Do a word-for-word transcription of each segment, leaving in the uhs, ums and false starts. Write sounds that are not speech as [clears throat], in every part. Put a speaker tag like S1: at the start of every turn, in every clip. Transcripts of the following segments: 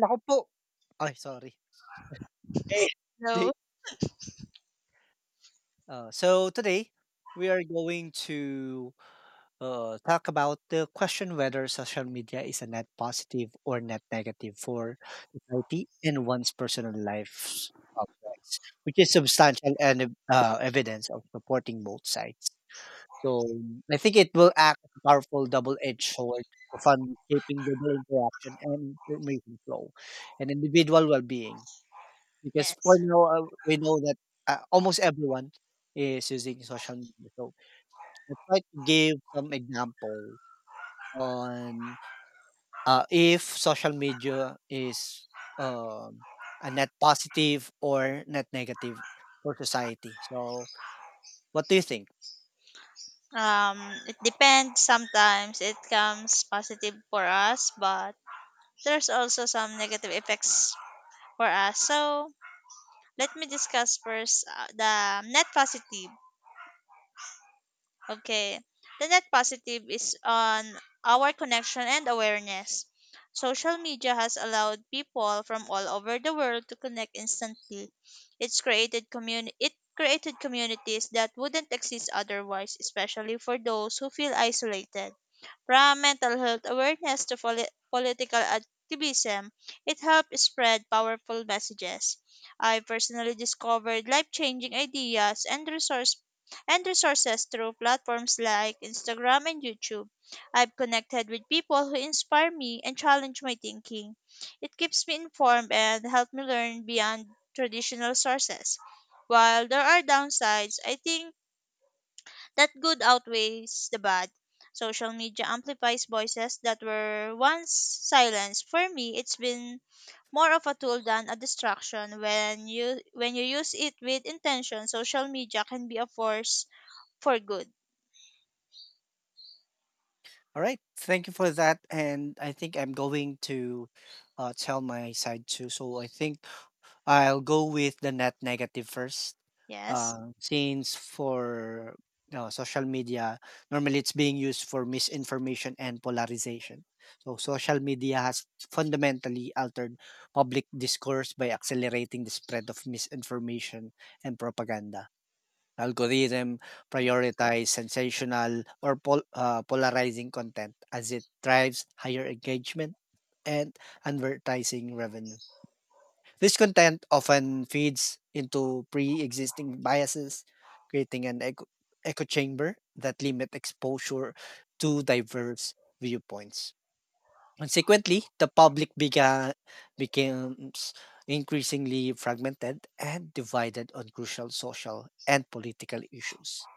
S1: Naku po. Ay, sorry. Eh. Hey,
S2: No.
S1: uh, so today we are going to uh, talk about the question whether social media is a net positive or net negative for society and one's personal life's objects, which is substantial and ev- uh, evidence of supporting both sides. So I think it will act as a powerful double-edged sword for fun, shaping global interaction and information flow and individual well-being. Because for
S2: Yes.
S1: now, uh, we know that uh, almost everyone is using social media. So let's try to give some example on uh, if social media is um, a net positive or net negative for society. So what do you think?
S2: Um, it depends. Sometimes it comes positive for us, but there's also some negative effects for us. So let me discuss first uh, the net positive. Okay. The net positive is on our connection and awareness. Social media has allowed people from all over the world to connect instantly. It's created communi- it created communities that wouldn't exist otherwise, especially for those who feel isolated. From mental health awareness to poli- political activism, it helped spread powerful messages. I personally discovered life-changing ideas and resource and resources through platforms like Instagram and YouTube. I've connected with people who inspire me and challenge my thinking. It keeps me informed and helps me learn beyond traditional sources. While there are downsides, I think that good outweighs the bad. Social media amplifies voices that were once silenced. For me, it's been more of a tool than a distraction. When you when you use it with intention, social media can be a force for good.
S1: All right, thank you for that. And I think I'm going to uh, tell my side too. So I think I'll go with the net negative first.
S2: Yes.
S1: Um, since for uh, social media, normally it's being used for misinformation and polarization. So, social media has fundamentally altered public discourse by accelerating the spread of misinformation and propaganda. Algorithm
S2: Yeah.
S1: prioritize sensational or pol- uh, polarizing content as it drives higher engagement and advertising revenue. This content often feeds into pre existing biases, creating an echo, echo chamber that limit exposure to diverse viewpoints. Consequently, the public began, becomes increasingly fragmented and divided on crucial social and political issues.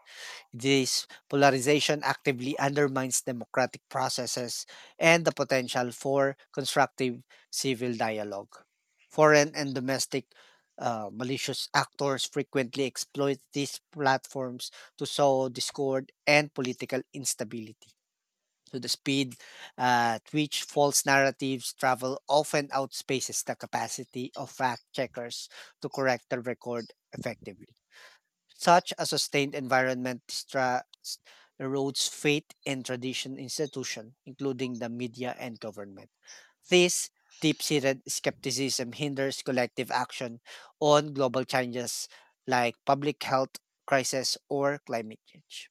S1: This polarization actively undermines democratic processes and the potential for constructive civil dialogue. Foreign and domestic uh, malicious actors frequently exploit these platforms to sow discord and political instability. So, the speed at which false narratives travel often outspaces the capacity of fact checkers to correct the record effectively. Such a sustained environment distracts erodes faith and tradition institution, including the media and government. This deep-seated skepticism hinders collective action on global challenges like public health crisis or climate change.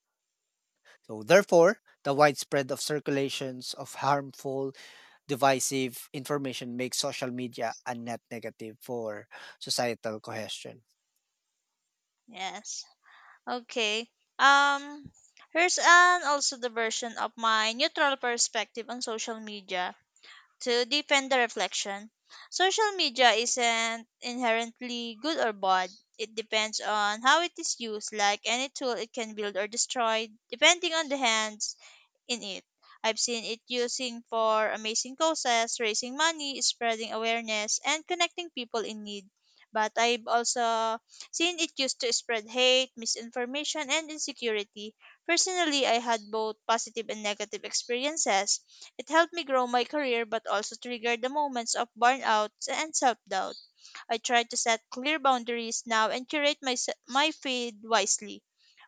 S1: So therefore, the widespread of circulations of harmful, divisive information makes social media a net negative for societal cohesion.
S2: Yes. Okay. Um Here's an also the version of my neutral perspective on social media to deepen the reflection. Social media isn't inherently good or bad. It depends on how it is used. Like any tool, it can build or destroy, depending on the hands in it. I've seen it using for amazing causes, raising money, spreading awareness, and connecting people in need. But I've also seen it used to spread hate, misinformation, and insecurity. Personally, I had both positive and negative experiences. It helped me grow my career but also triggered the moments of burnout and self doubt. I try to set clear boundaries now and curate my, s- my feed wisely.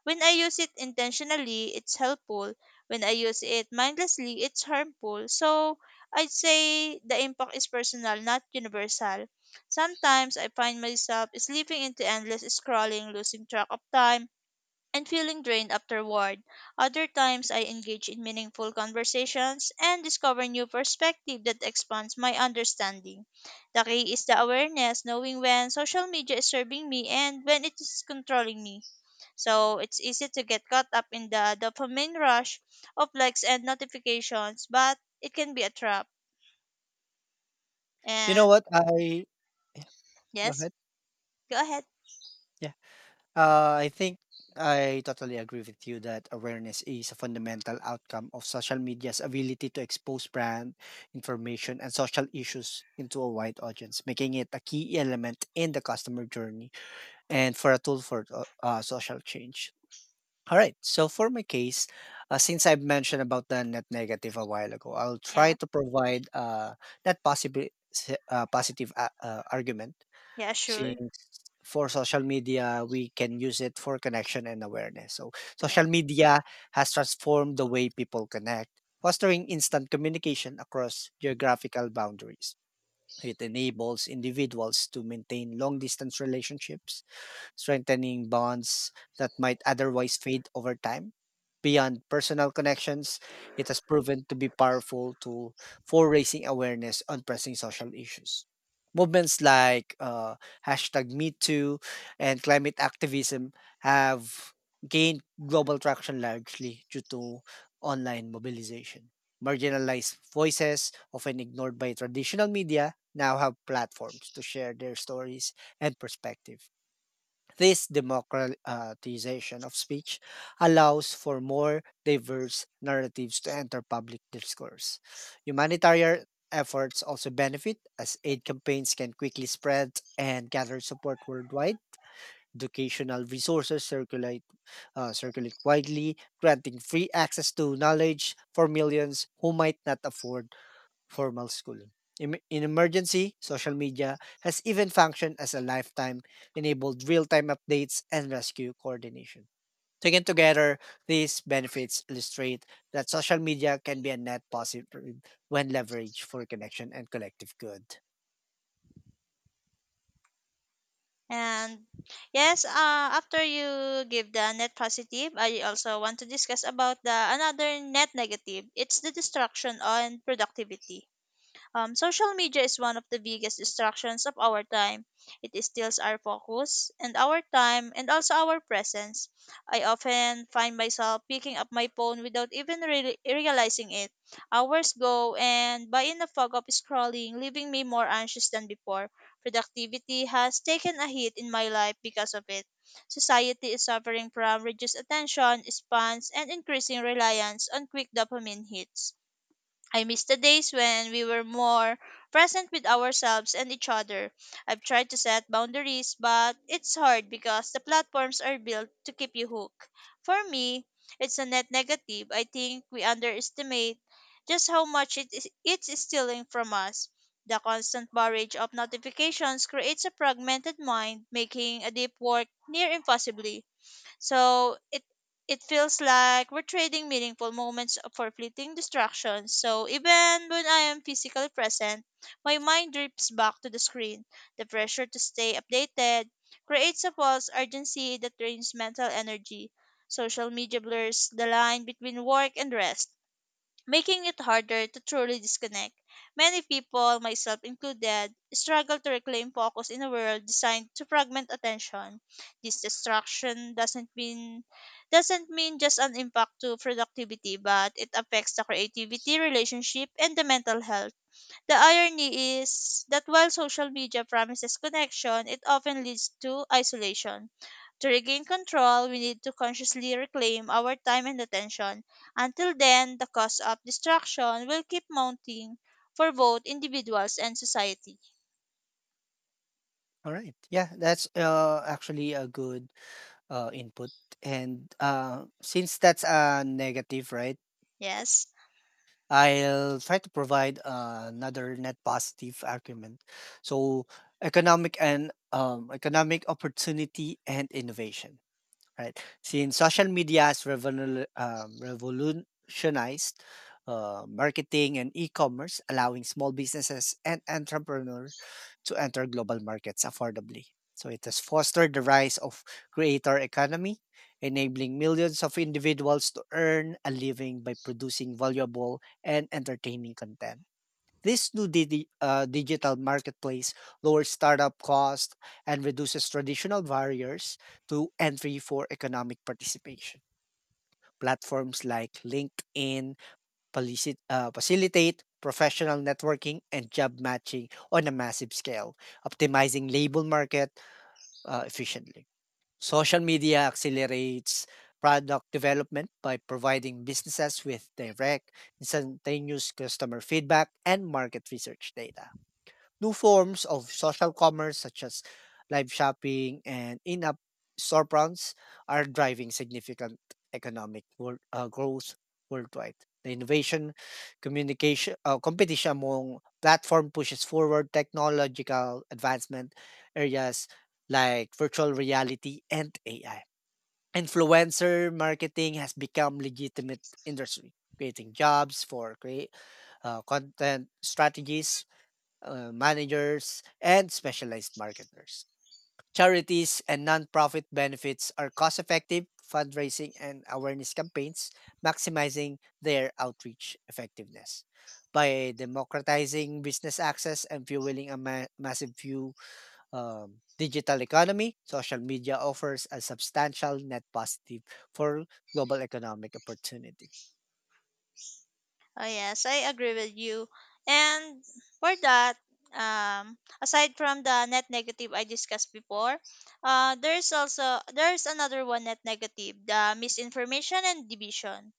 S2: When I use it intentionally, it's helpful. When I use it mindlessly, it's harmful. So I'd say the impact is personal, not universal. Sometimes I find myself slipping into endless scrolling, losing track of time, and feeling drained afterward. Other times I engage in meaningful conversations and discover new perspective that expands my understanding. The key is the awareness, knowing when social media is serving me and when it is controlling me. So it's easy to get caught up in the dopamine rush of likes and notifications, but it can be a trap.
S1: You know
S2: And
S1: what? I yeah, Go
S2: yes,
S1: ahead.
S2: go ahead.
S1: Uh, I think I totally agree with you that awareness is a fundamental outcome of social media's ability to expose brand information and social issues into a wide audience, making it a key element in the customer journey and for a tool for uh, uh, social change. All right. So for my case, uh, since I've mentioned about the net negative a while ago, I'll try
S2: Yeah.
S1: to provide uh, that possible uh, positive uh, uh, argument
S2: Yeah, sure.
S1: since for social media, we can use it for connection and awareness. So,
S2: Yeah.
S1: social media has transformed the way people connect, fostering instant communication across geographical boundaries. It enables individuals to maintain long distance relationships strengthening bonds that might otherwise fade over time. Beyond personal connections, it has proven to be powerful tool for raising awareness on pressing social issues. Movements like uh, hashtag MeToo and climate activism have gained global traction largely due to online mobilization. Marginalized voices, often ignored by traditional media, now have platforms to share their stories and perspective. This democratization of speech allows for more diverse narratives to enter public discourse. Humanitarian efforts also benefit as aid campaigns can quickly spread and gather support worldwide. Educational resources circulate uh, circulate widely, granting free access to knowledge for millions who might not afford formal school. Em- In emergency, social media has even functioned as a lifetime enabled real time updates and rescue coordination. Taken together, these benefits illustrate that social media can be a net positive when leveraged for connection and collective good.
S2: And yes, uh, after you give the net positive, I also want to discuss about the another net negative. It's the destruction on productivity. Um, social media is one of the biggest distractions of our time. It steals our focus and our time and also our presence. I often find myself picking up my phone without even really realizing it. Hours go and by in the fog of scrolling, leaving me more anxious than before. Productivity has taken a hit in my life because of it. Society is suffering from reduced attention spans and increasing reliance on quick dopamine hits. I miss the days when we were more present with ourselves and each other. I've tried to set boundaries, but it's hard because the platforms are built to keep you hooked. For me, it's a net negative. I think we underestimate just how much it is, it's stealing from us. The constant barrage of notifications creates a fragmented mind, making a deep work near impossibly. So it it feels like we're trading meaningful moments for fleeting distractions. So even when I am physically present, my mind drifts back to the screen. The pressure to stay updated creates a false urgency that drains mental energy. Social media blurs the line between work and rest making it harder to truly disconnect. Many people, myself included, struggle to reclaim focus in a world designed to fragment attention. This distraction doesn't mean Doesn't mean just an impact to productivity, but it affects the creativity, relationship, and the mental health. The irony is that while social media promises connection, it often leads to isolation. To regain control, we need to consciously reclaim our time and attention. Until then, the cost of distraction will keep mounting for both individuals and society.
S1: All right. Yeah, that's uh, actually a good uh, input. And uh, since that's a negative, right?
S2: Yes?
S1: I'll try to provide uh, another net positive argument. So economic and um, economic opportunity and innovation right? Since social media has revolu- um, revolutionized uh, marketing and e-commerce, allowing small businesses and entrepreneurs to enter global markets affordably. So it has fostered the rise of creator economy, enabling millions of individuals to earn a living by producing valuable and entertaining content. This new digi uh, digital marketplace lowers startup costs and reduces traditional barriers to entry for economic participation. Platforms like LinkedIn felici- uh, facilitate professional networking and job matching on a massive scale, optimizing labor market uh, efficiently. Social media accelerates product development by providing businesses with direct, instantaneous customer feedback and market research data. New forms of social commerce, such as live shopping and in app storefronts, are driving significant economic world, uh, growth worldwide. The innovation, communication, uh, competition among platform pushes forward technological advancement areas like virtual reality and A I. Influencer marketing has become legitimate industry, creating jobs for create uh, content strategies uh, managers, and specialized marketers. Charities and nonprofit benefits are cost effective fundraising and awareness campaigns, maximizing their outreach effectiveness. By democratizing business access and fueling a ma- massive few um, digital economy, social media offers a substantial net positive for global economic opportunity.
S2: Oh yes, I agree with you. And for that, um, aside from the net negative I discussed before, uh, there's also there's another one net negative, the misinformation and division.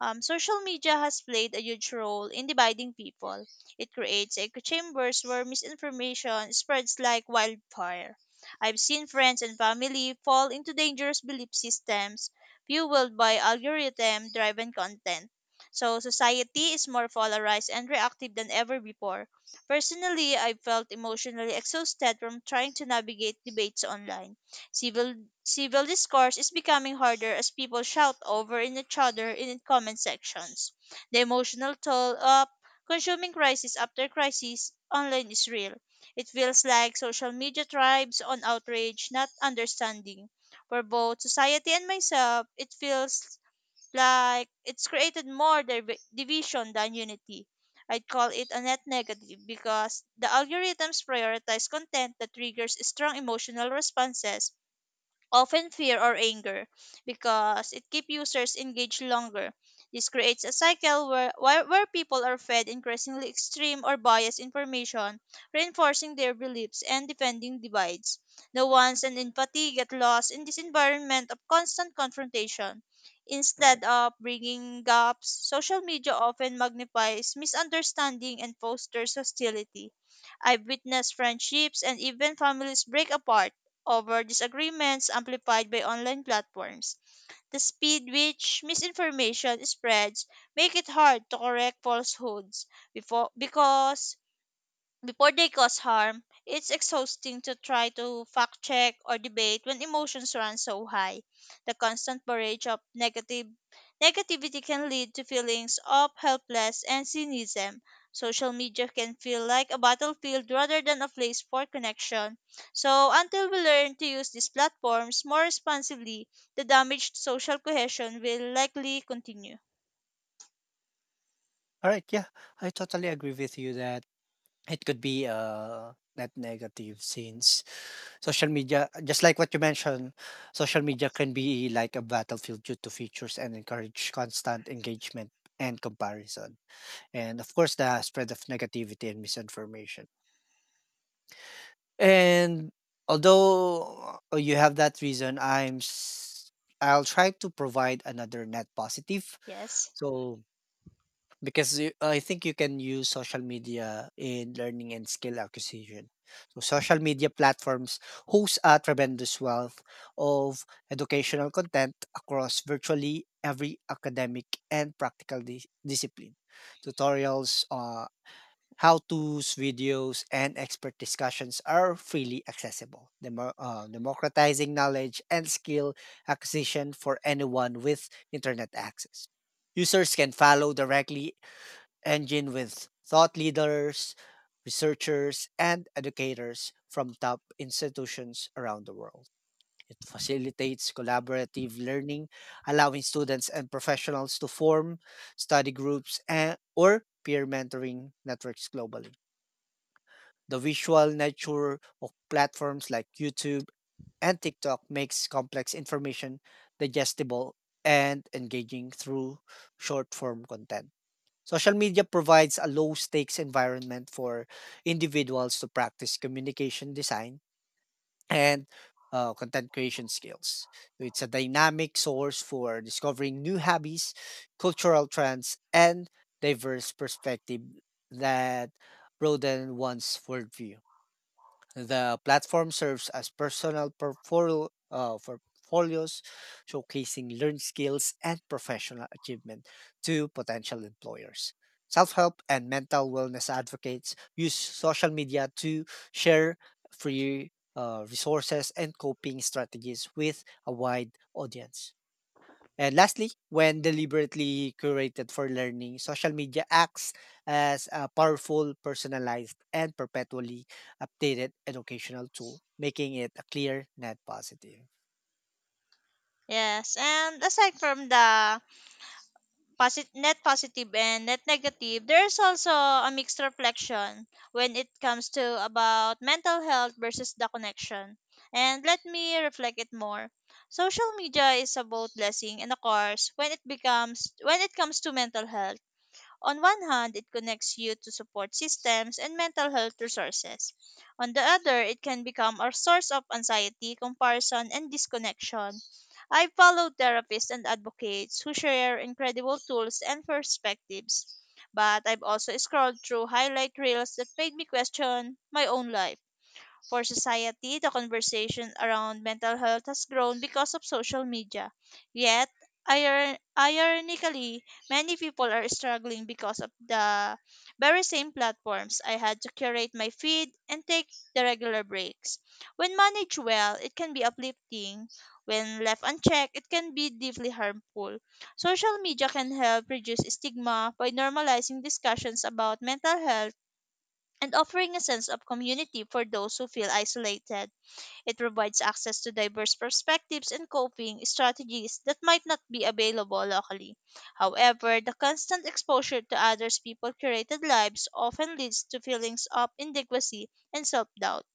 S2: Um, social media has played a huge role in dividing people. It creates echo chambers where misinformation spreads like wildfire. I've seen friends and family fall into dangerous belief systems fueled by algorithm driven content. So, society is more polarized and reactive than ever before. Personally, I felt emotionally exhausted from trying to navigate debates online. Civil civil discourse is becoming harder as people shout over in each other in comment sections. The emotional toll of consuming crisis after crisis online is real. It feels like social media thrives on outrage, not understanding. For both society and myself, it feels like it's created more div- division than unity. I'd call it a net negative because the algorithms prioritize content that triggers strong emotional responses often fear or anger, because it keeps users engaged longer. This creates a cycle where, where, where people are fed increasingly extreme or biased information, reinforcing their beliefs and defending divides. Nuance and empathy get lost in this environment of constant confrontation. Instead of bringing gaps, social media often magnifies misunderstanding and fosters hostility. I've witnessed friendships and even families break apart over disagreements amplified by online platforms. The speed which misinformation spreads make it hard to correct falsehoods before because before they cause harm, it's exhausting to try to fact check or debate when emotions run so high. The constant barrage of negative negativity can lead to feelings of helpless and cynicism. Social media can feel like a battlefield rather than a place for connection. So until we learn to use these platforms more responsibly, the damage to social cohesion will likely continue.
S1: All right, yeah, I totally agree with you that it could be uh, net negative since social media, just like what you mentioned, social media can be like a battlefield due to features and encourage constant engagement and comparison. And of course, the spread of negativity and misinformation. And although uh, you have that reason, I'm s- I'll try to provide another net positive.
S2: Yes.
S1: So because you, I think you can use social media in learning and skill acquisition. So social media platforms host a tremendous wealth of educational content across virtually every academic and practical dis- discipline. Tutorials, uh, how-tos, videos, and expert discussions are freely accessible, demo- uh, democratizing knowledge and skill acquisition for anyone with internet access. Users can follow directly engine with thought leaders, researchers, and educators from top institutions around the world. It facilitates collaborative learning, allowing students and professionals to form study groups and, or peer mentoring networks globally. The visual nature of platforms like YouTube and TikTok makes complex information digestible and engaging through short form content. Social media provides a low stakes environment for individuals to practice communication design and uh, content creation skills. So it's a dynamic source for discovering new hobbies, cultural trends, and diverse perspective that broaden one's worldview. The platform serves as personal portfolio, uh, portfolios, showcasing learned skills and professional achievement to potential employers. Self help and mental wellness advocates use social media to share free uh, resources and coping strategies with a wide audience. And lastly, when deliberately curated for learning, social media acts as a powerful, personalized, and perpetually updated educational tool, making it a clear net positive.
S2: Yes. And aside from the posit- net positive and net negative, there's also a mixed reflection when it comes to about mental health versus the connection. And let me reflect it more. Social media is a both blessing and a curse when it becomes when it comes to mental health. On one hand, it connects you to support systems and mental health resources. On the other, it can become a source of anxiety, comparison, and disconnection. I follow therapists and advocates who share incredible tools and perspectives. But I've also scrolled through highlight reels that made me question my own life. For society, the conversation around mental health has grown because of social media. Yet, iron- ironically, many people are struggling because of the very same platforms. I had to curate my feed and take the regular breaks. When managed well, it can be uplifting. When left unchecked, it can be deeply harmful. Social media can help reduce stigma by normalizing discussions about mental health and offering a sense of community for those who feel isolated. It provides access to diverse perspectives and coping strategies that might not be available locally. However, the constant exposure to others' people curated lives often leads to feelings of inadequacy and self doubt.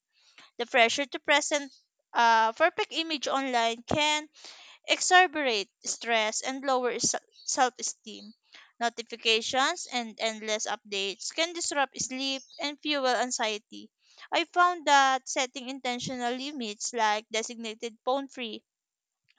S2: The pressure to present a perfect image online can exacerbate stress and lower self esteem. Notifications and endless updates can disrupt sleep and fuel anxiety. I found that setting intentional limits like designated phone free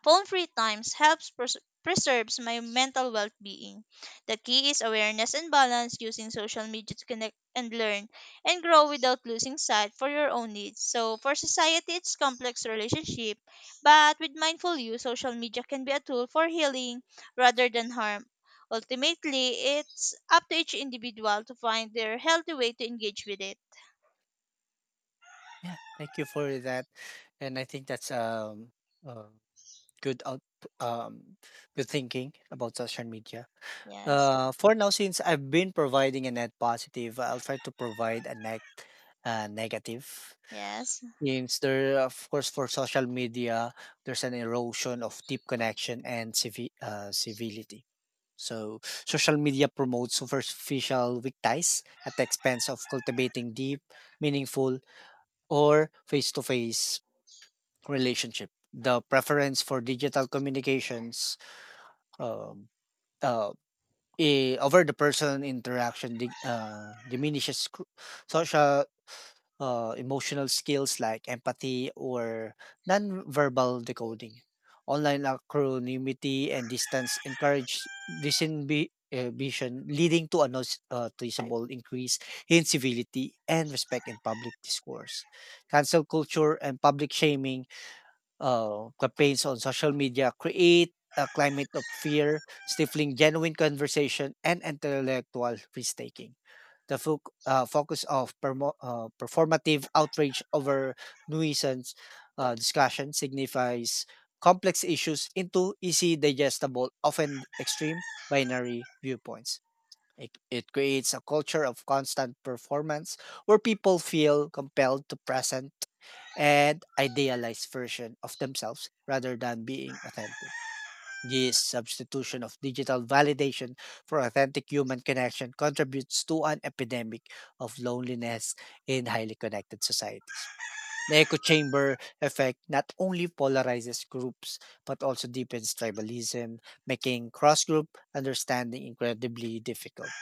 S2: Phone free times helps pres- preserves my mental well-being. The key is awareness and balance using social media to connect and learn and grow without losing sight for your own needs. So for society it's complex relationship, but with mindful use social media can be a tool for healing rather than harm. Ultimately, it's up to each individual to find their healthy way to engage with it.
S1: Yeah, thank you for that. And I think that's um, uh, good out, um, good thinking about social media.
S2: Yes.
S1: Uh, for now, since I've been providing a net positive, I'll try to provide a net uh, negative.
S2: Yes.
S1: Means there of course, for social media, there's an erosion of deep connection and civi uh, civility. So social media promotes superficial weak ties at the expense of cultivating deep, meaningful, or face-to-face relationship. The preference for digital communications um, uh, i- over the person interaction di- uh, diminishes cru- social uh, emotional skills like empathy or nonverbal decoding. Online acronymity and distance encourage disinhibition, leading to a notice- uh, noticeable increase in civility and respect in public discourse. Cancel culture and public shaming oh, campaigns on social media create a climate of fear, stifling genuine conversation and intellectual risk-taking. The fo- uh, focus of permo- uh, performative outrage over nuisance uh, discussion signifies complex issues into easy digestible, often extreme binary viewpoints. It, it creates a culture of constant performance where people feel compelled to present an idealized version of themselves rather than being authentic. This substitution of digital validation for authentic human connection contributes to an epidemic of loneliness in highly connected societies. The echo chamber effect not only polarizes groups but also deepens tribalism, making cross group understanding incredibly difficult.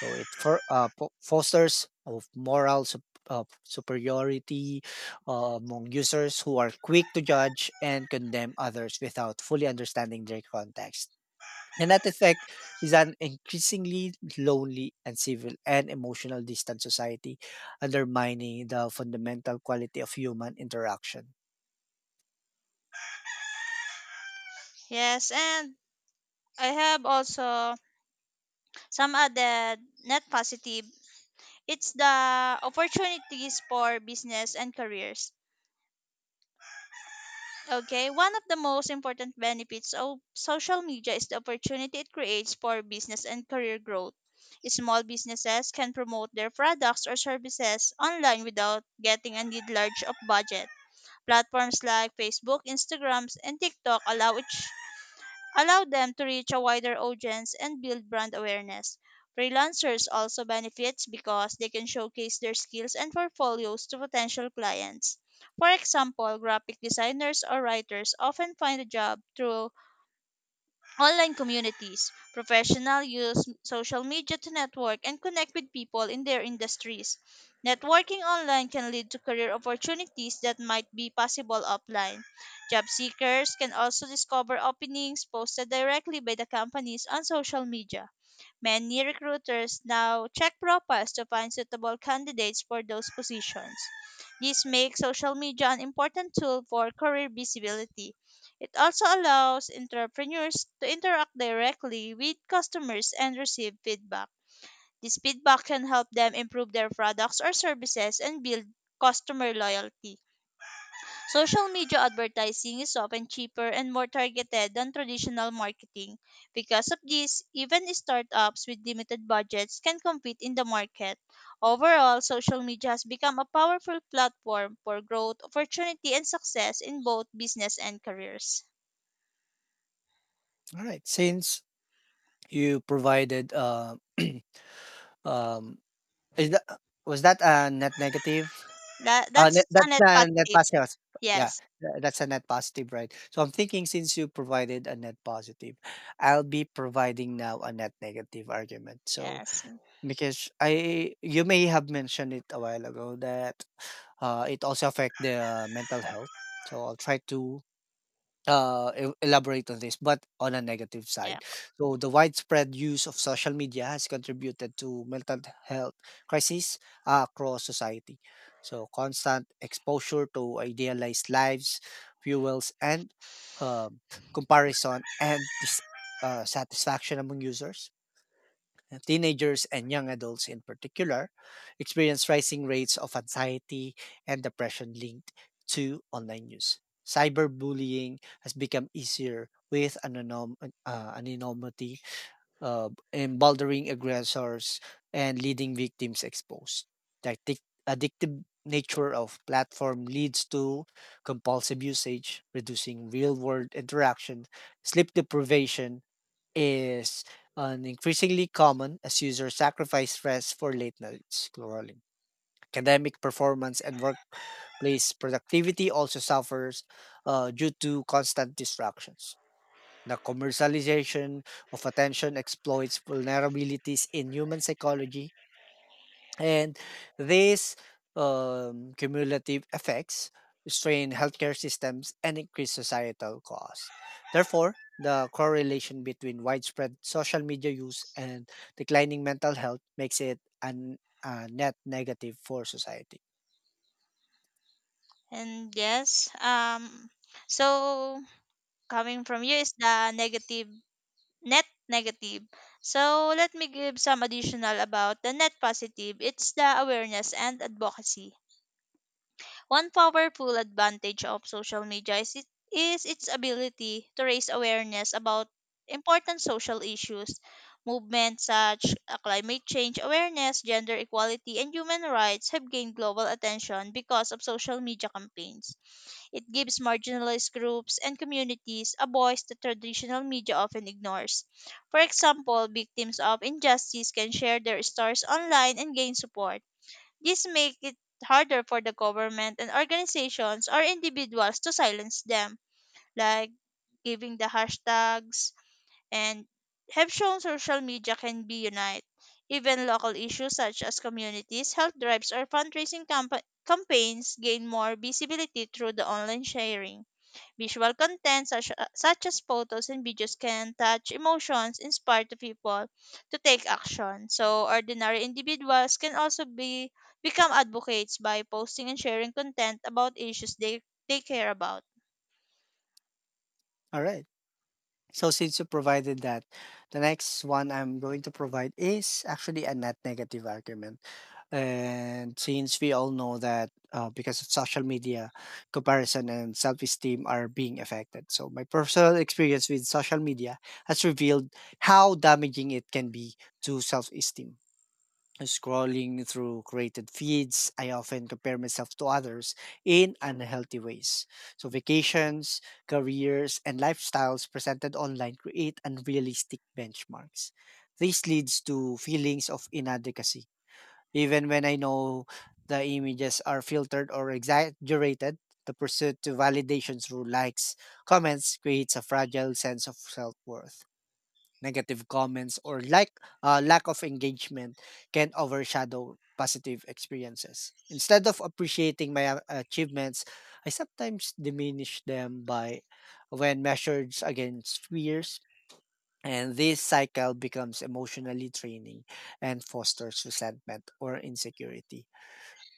S1: So it for uh, po- fosters of moral sup- uh, superiority uh, among users who are quick to judge and condemn others without fully understanding their context. And that effect is an increasingly lonely and civil and emotional distant society, undermining the fundamental quality of human interaction.
S2: Yes, and I have also some other net positive it's the opportunities for business and careers. Okay, one of the most important benefits of social media is the opportunity it creates for business and career growth. Small businesses can promote their products or services online without getting a need large of budget. Platforms like Facebook, Instagrams, and TikTok allow each allow them to reach a wider audience and build brand awareness. Freelancers also benefits because they can showcase their skills and portfolios to potential clients. For example, graphic designers or writers often find a job through online communities. Professionals use social media to network and connect with people in their industries. Networking online can lead to career opportunities that might be possible offline. Job seekers can also discover openings posted directly by the companies on social media. Many recruiters now check profiles to find suitable candidates for those positions. This makes social media an important tool for career visibility. It also allows entrepreneurs to interact directly with customers and receive feedback. This feedback can help them improve their products or services and build customer loyalty. Social media advertising is often cheaper and more targeted than traditional marketing. Because of this, even startups with limited budgets can compete in the market. Overall, social media has become a powerful platform for growth, opportunity, and success in both business and careers.
S1: All right, since you provided uh, [clears throat] um, is that was that a net negative?
S2: That,
S1: Uh,
S2: that's
S1: net
S2: a
S1: that's
S2: net
S1: a net
S2: positive.
S1: positive. Yeah,
S2: Yes,
S1: tha that's a net positive, right? So I'm thinking since you provided a net positive, I'll be providing now a net negative argument. So
S2: yes,
S1: because I you may have mentioned it a while ago that, uh, it also affect the mental health. So I'll try to uh, e elaborate on this, but on a negative
S2: yeah.
S1: side. So the widespread use of social media has contributed to mental health crises uh, across society. So constant exposure to idealized lives fuels and um, comparison and dis- uh, satisfaction among users and teenagers and young adults in particular experience rising rates of anxiety and depression linked to online news. Cyberbullying has become easier with anonym, uh, anonymity, uh, emboldening aggressors and leading victims exposed. The addic- addictive nature of platform leads to compulsive usage, reducing real-world interaction, sleep deprivation, is an increasingly common as users sacrifice rest for late night scrolling. Academic performance and workplace productivity also suffers uh, due to constant distractions. The commercialization of attention exploits vulnerabilities in human psychology and these um, cumulative effects strain healthcare systems and increase societal costs. Therefore, the correlation between widespread social media use and declining mental health makes it an, a net negative for society.
S2: And yes, um, so coming from you is the negative net negative. So let me give some additional about the net positive. It's the awareness and advocacy. One powerful advantage of social media is, it, is its ability to raise awareness about important social issues. Movements such as climate change awareness, gender equality, and human rights have gained global attention because of social media campaigns. It gives marginalized groups and communities a voice that traditional media often ignores. For example, victims of injustice can share their stories online and gain support. This makes it harder for the government and organizations or individuals to silence them, like giving the hashtags and have shown social media can be unite. Even local issues such as communities, health drives, or fundraising campa- campaigns gain more visibility through the online sharing. Visual content such, uh, such as photos and videos can touch emotions, inspire the people to take action. So ordinary individuals can also be become advocates by posting and sharing content about issues they, they care about.
S1: All right. So since you provided that, the next one I'm going to provide is actually a net negative argument. And since we all know that uh, because of social media, comparison and self esteem are being affected. So, my personal experience with social media has revealed how damaging it can be to self esteem. Scrolling through created feeds, I often compare myself to others in unhealthy ways. So, vacations, careers, and lifestyles presented online create unrealistic benchmarks. This leads to feelings of inadequacy. Even when I know the images are filtered or exaggerated, the pursuit to validation through likes, comments creates a fragile sense of self worth negative comments or like uh, lack of engagement can overshadow positive experiences. Instead of appreciating my a- achievements, I sometimes diminish them by when measured against peers. And this cycle becomes emotionally draining and fosters resentment or insecurity.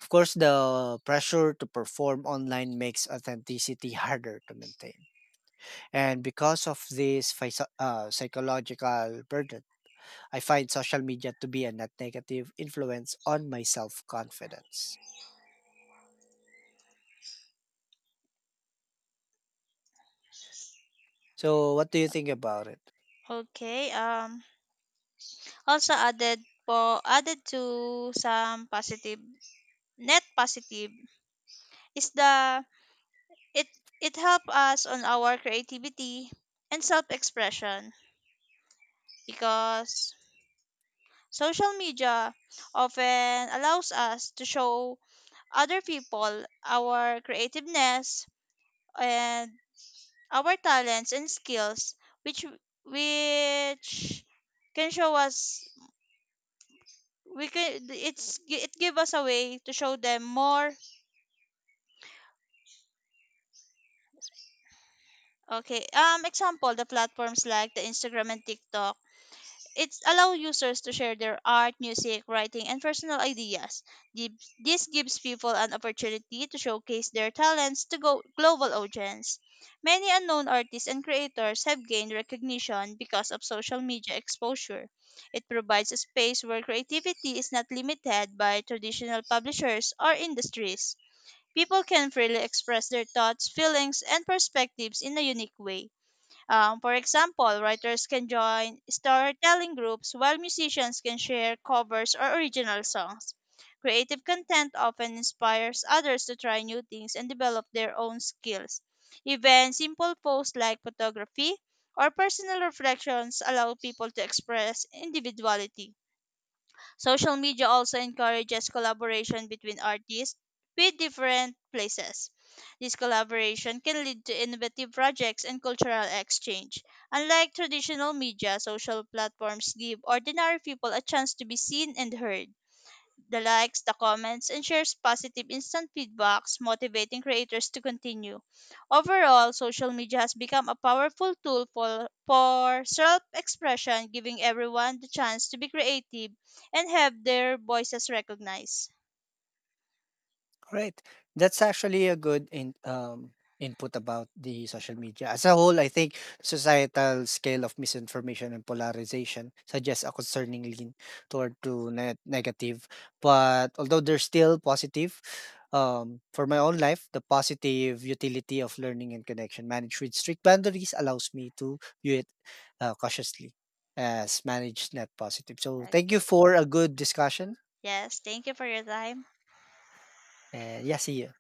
S1: Of course, the pressure to perform online makes authenticity harder to maintain. And because of this phys- uh, psychological burden, I find social media to be a net negative influence on my self confidence. So, what do you think about it?
S2: Okay, um also added po added to some positive net positive is the it it help us on our creativity and self-expression because social media often allows us to show other people our creativeness and our talents and skills, which which can show us we can it's it give us a way to show them more. Okay, um, example the platforms like the Instagram and TikTok it's allow users to share their art, music, writing, and personal ideas. Gib- This gives people an opportunity to showcase their talents to go global audience. Many unknown artists and creators have gained recognition because of social media exposure. It provides a space where creativity is not limited by traditional publishers or industries. People can freely express their thoughts, feelings, and perspectives in a unique way. Um, for example, writers can join storytelling groups while musicians can share covers or original songs. Creative content often inspires others to try new things and develop their own skills. Even simple posts like photography or personal reflections allow people to express individuality. Social media also encourages collaboration between artists with different places. This collaboration can lead to innovative projects and cultural exchange. Unlike traditional media, social platforms give ordinary people a chance to be seen and heard the likes, the comments, and shares positive instant feedbacks, motivating creators to continue. Overall, social media has become a powerful tool for, for self expression, giving everyone the chance to be creative and have their voices recognized.
S1: Right. That's actually a good in, um, input about the social media. As a whole, I think societal scale of misinformation and polarization suggests a concerning lean toward to net negative. But although there's still positive, um, for my own life, the positive utility of learning and connection managed with strict boundaries allows me to view it uh, cautiously as managed net positive. So thank you
S2: Okay.
S1: for a good discussion.
S2: Yes, thank you for your time.
S1: And yeah, see you.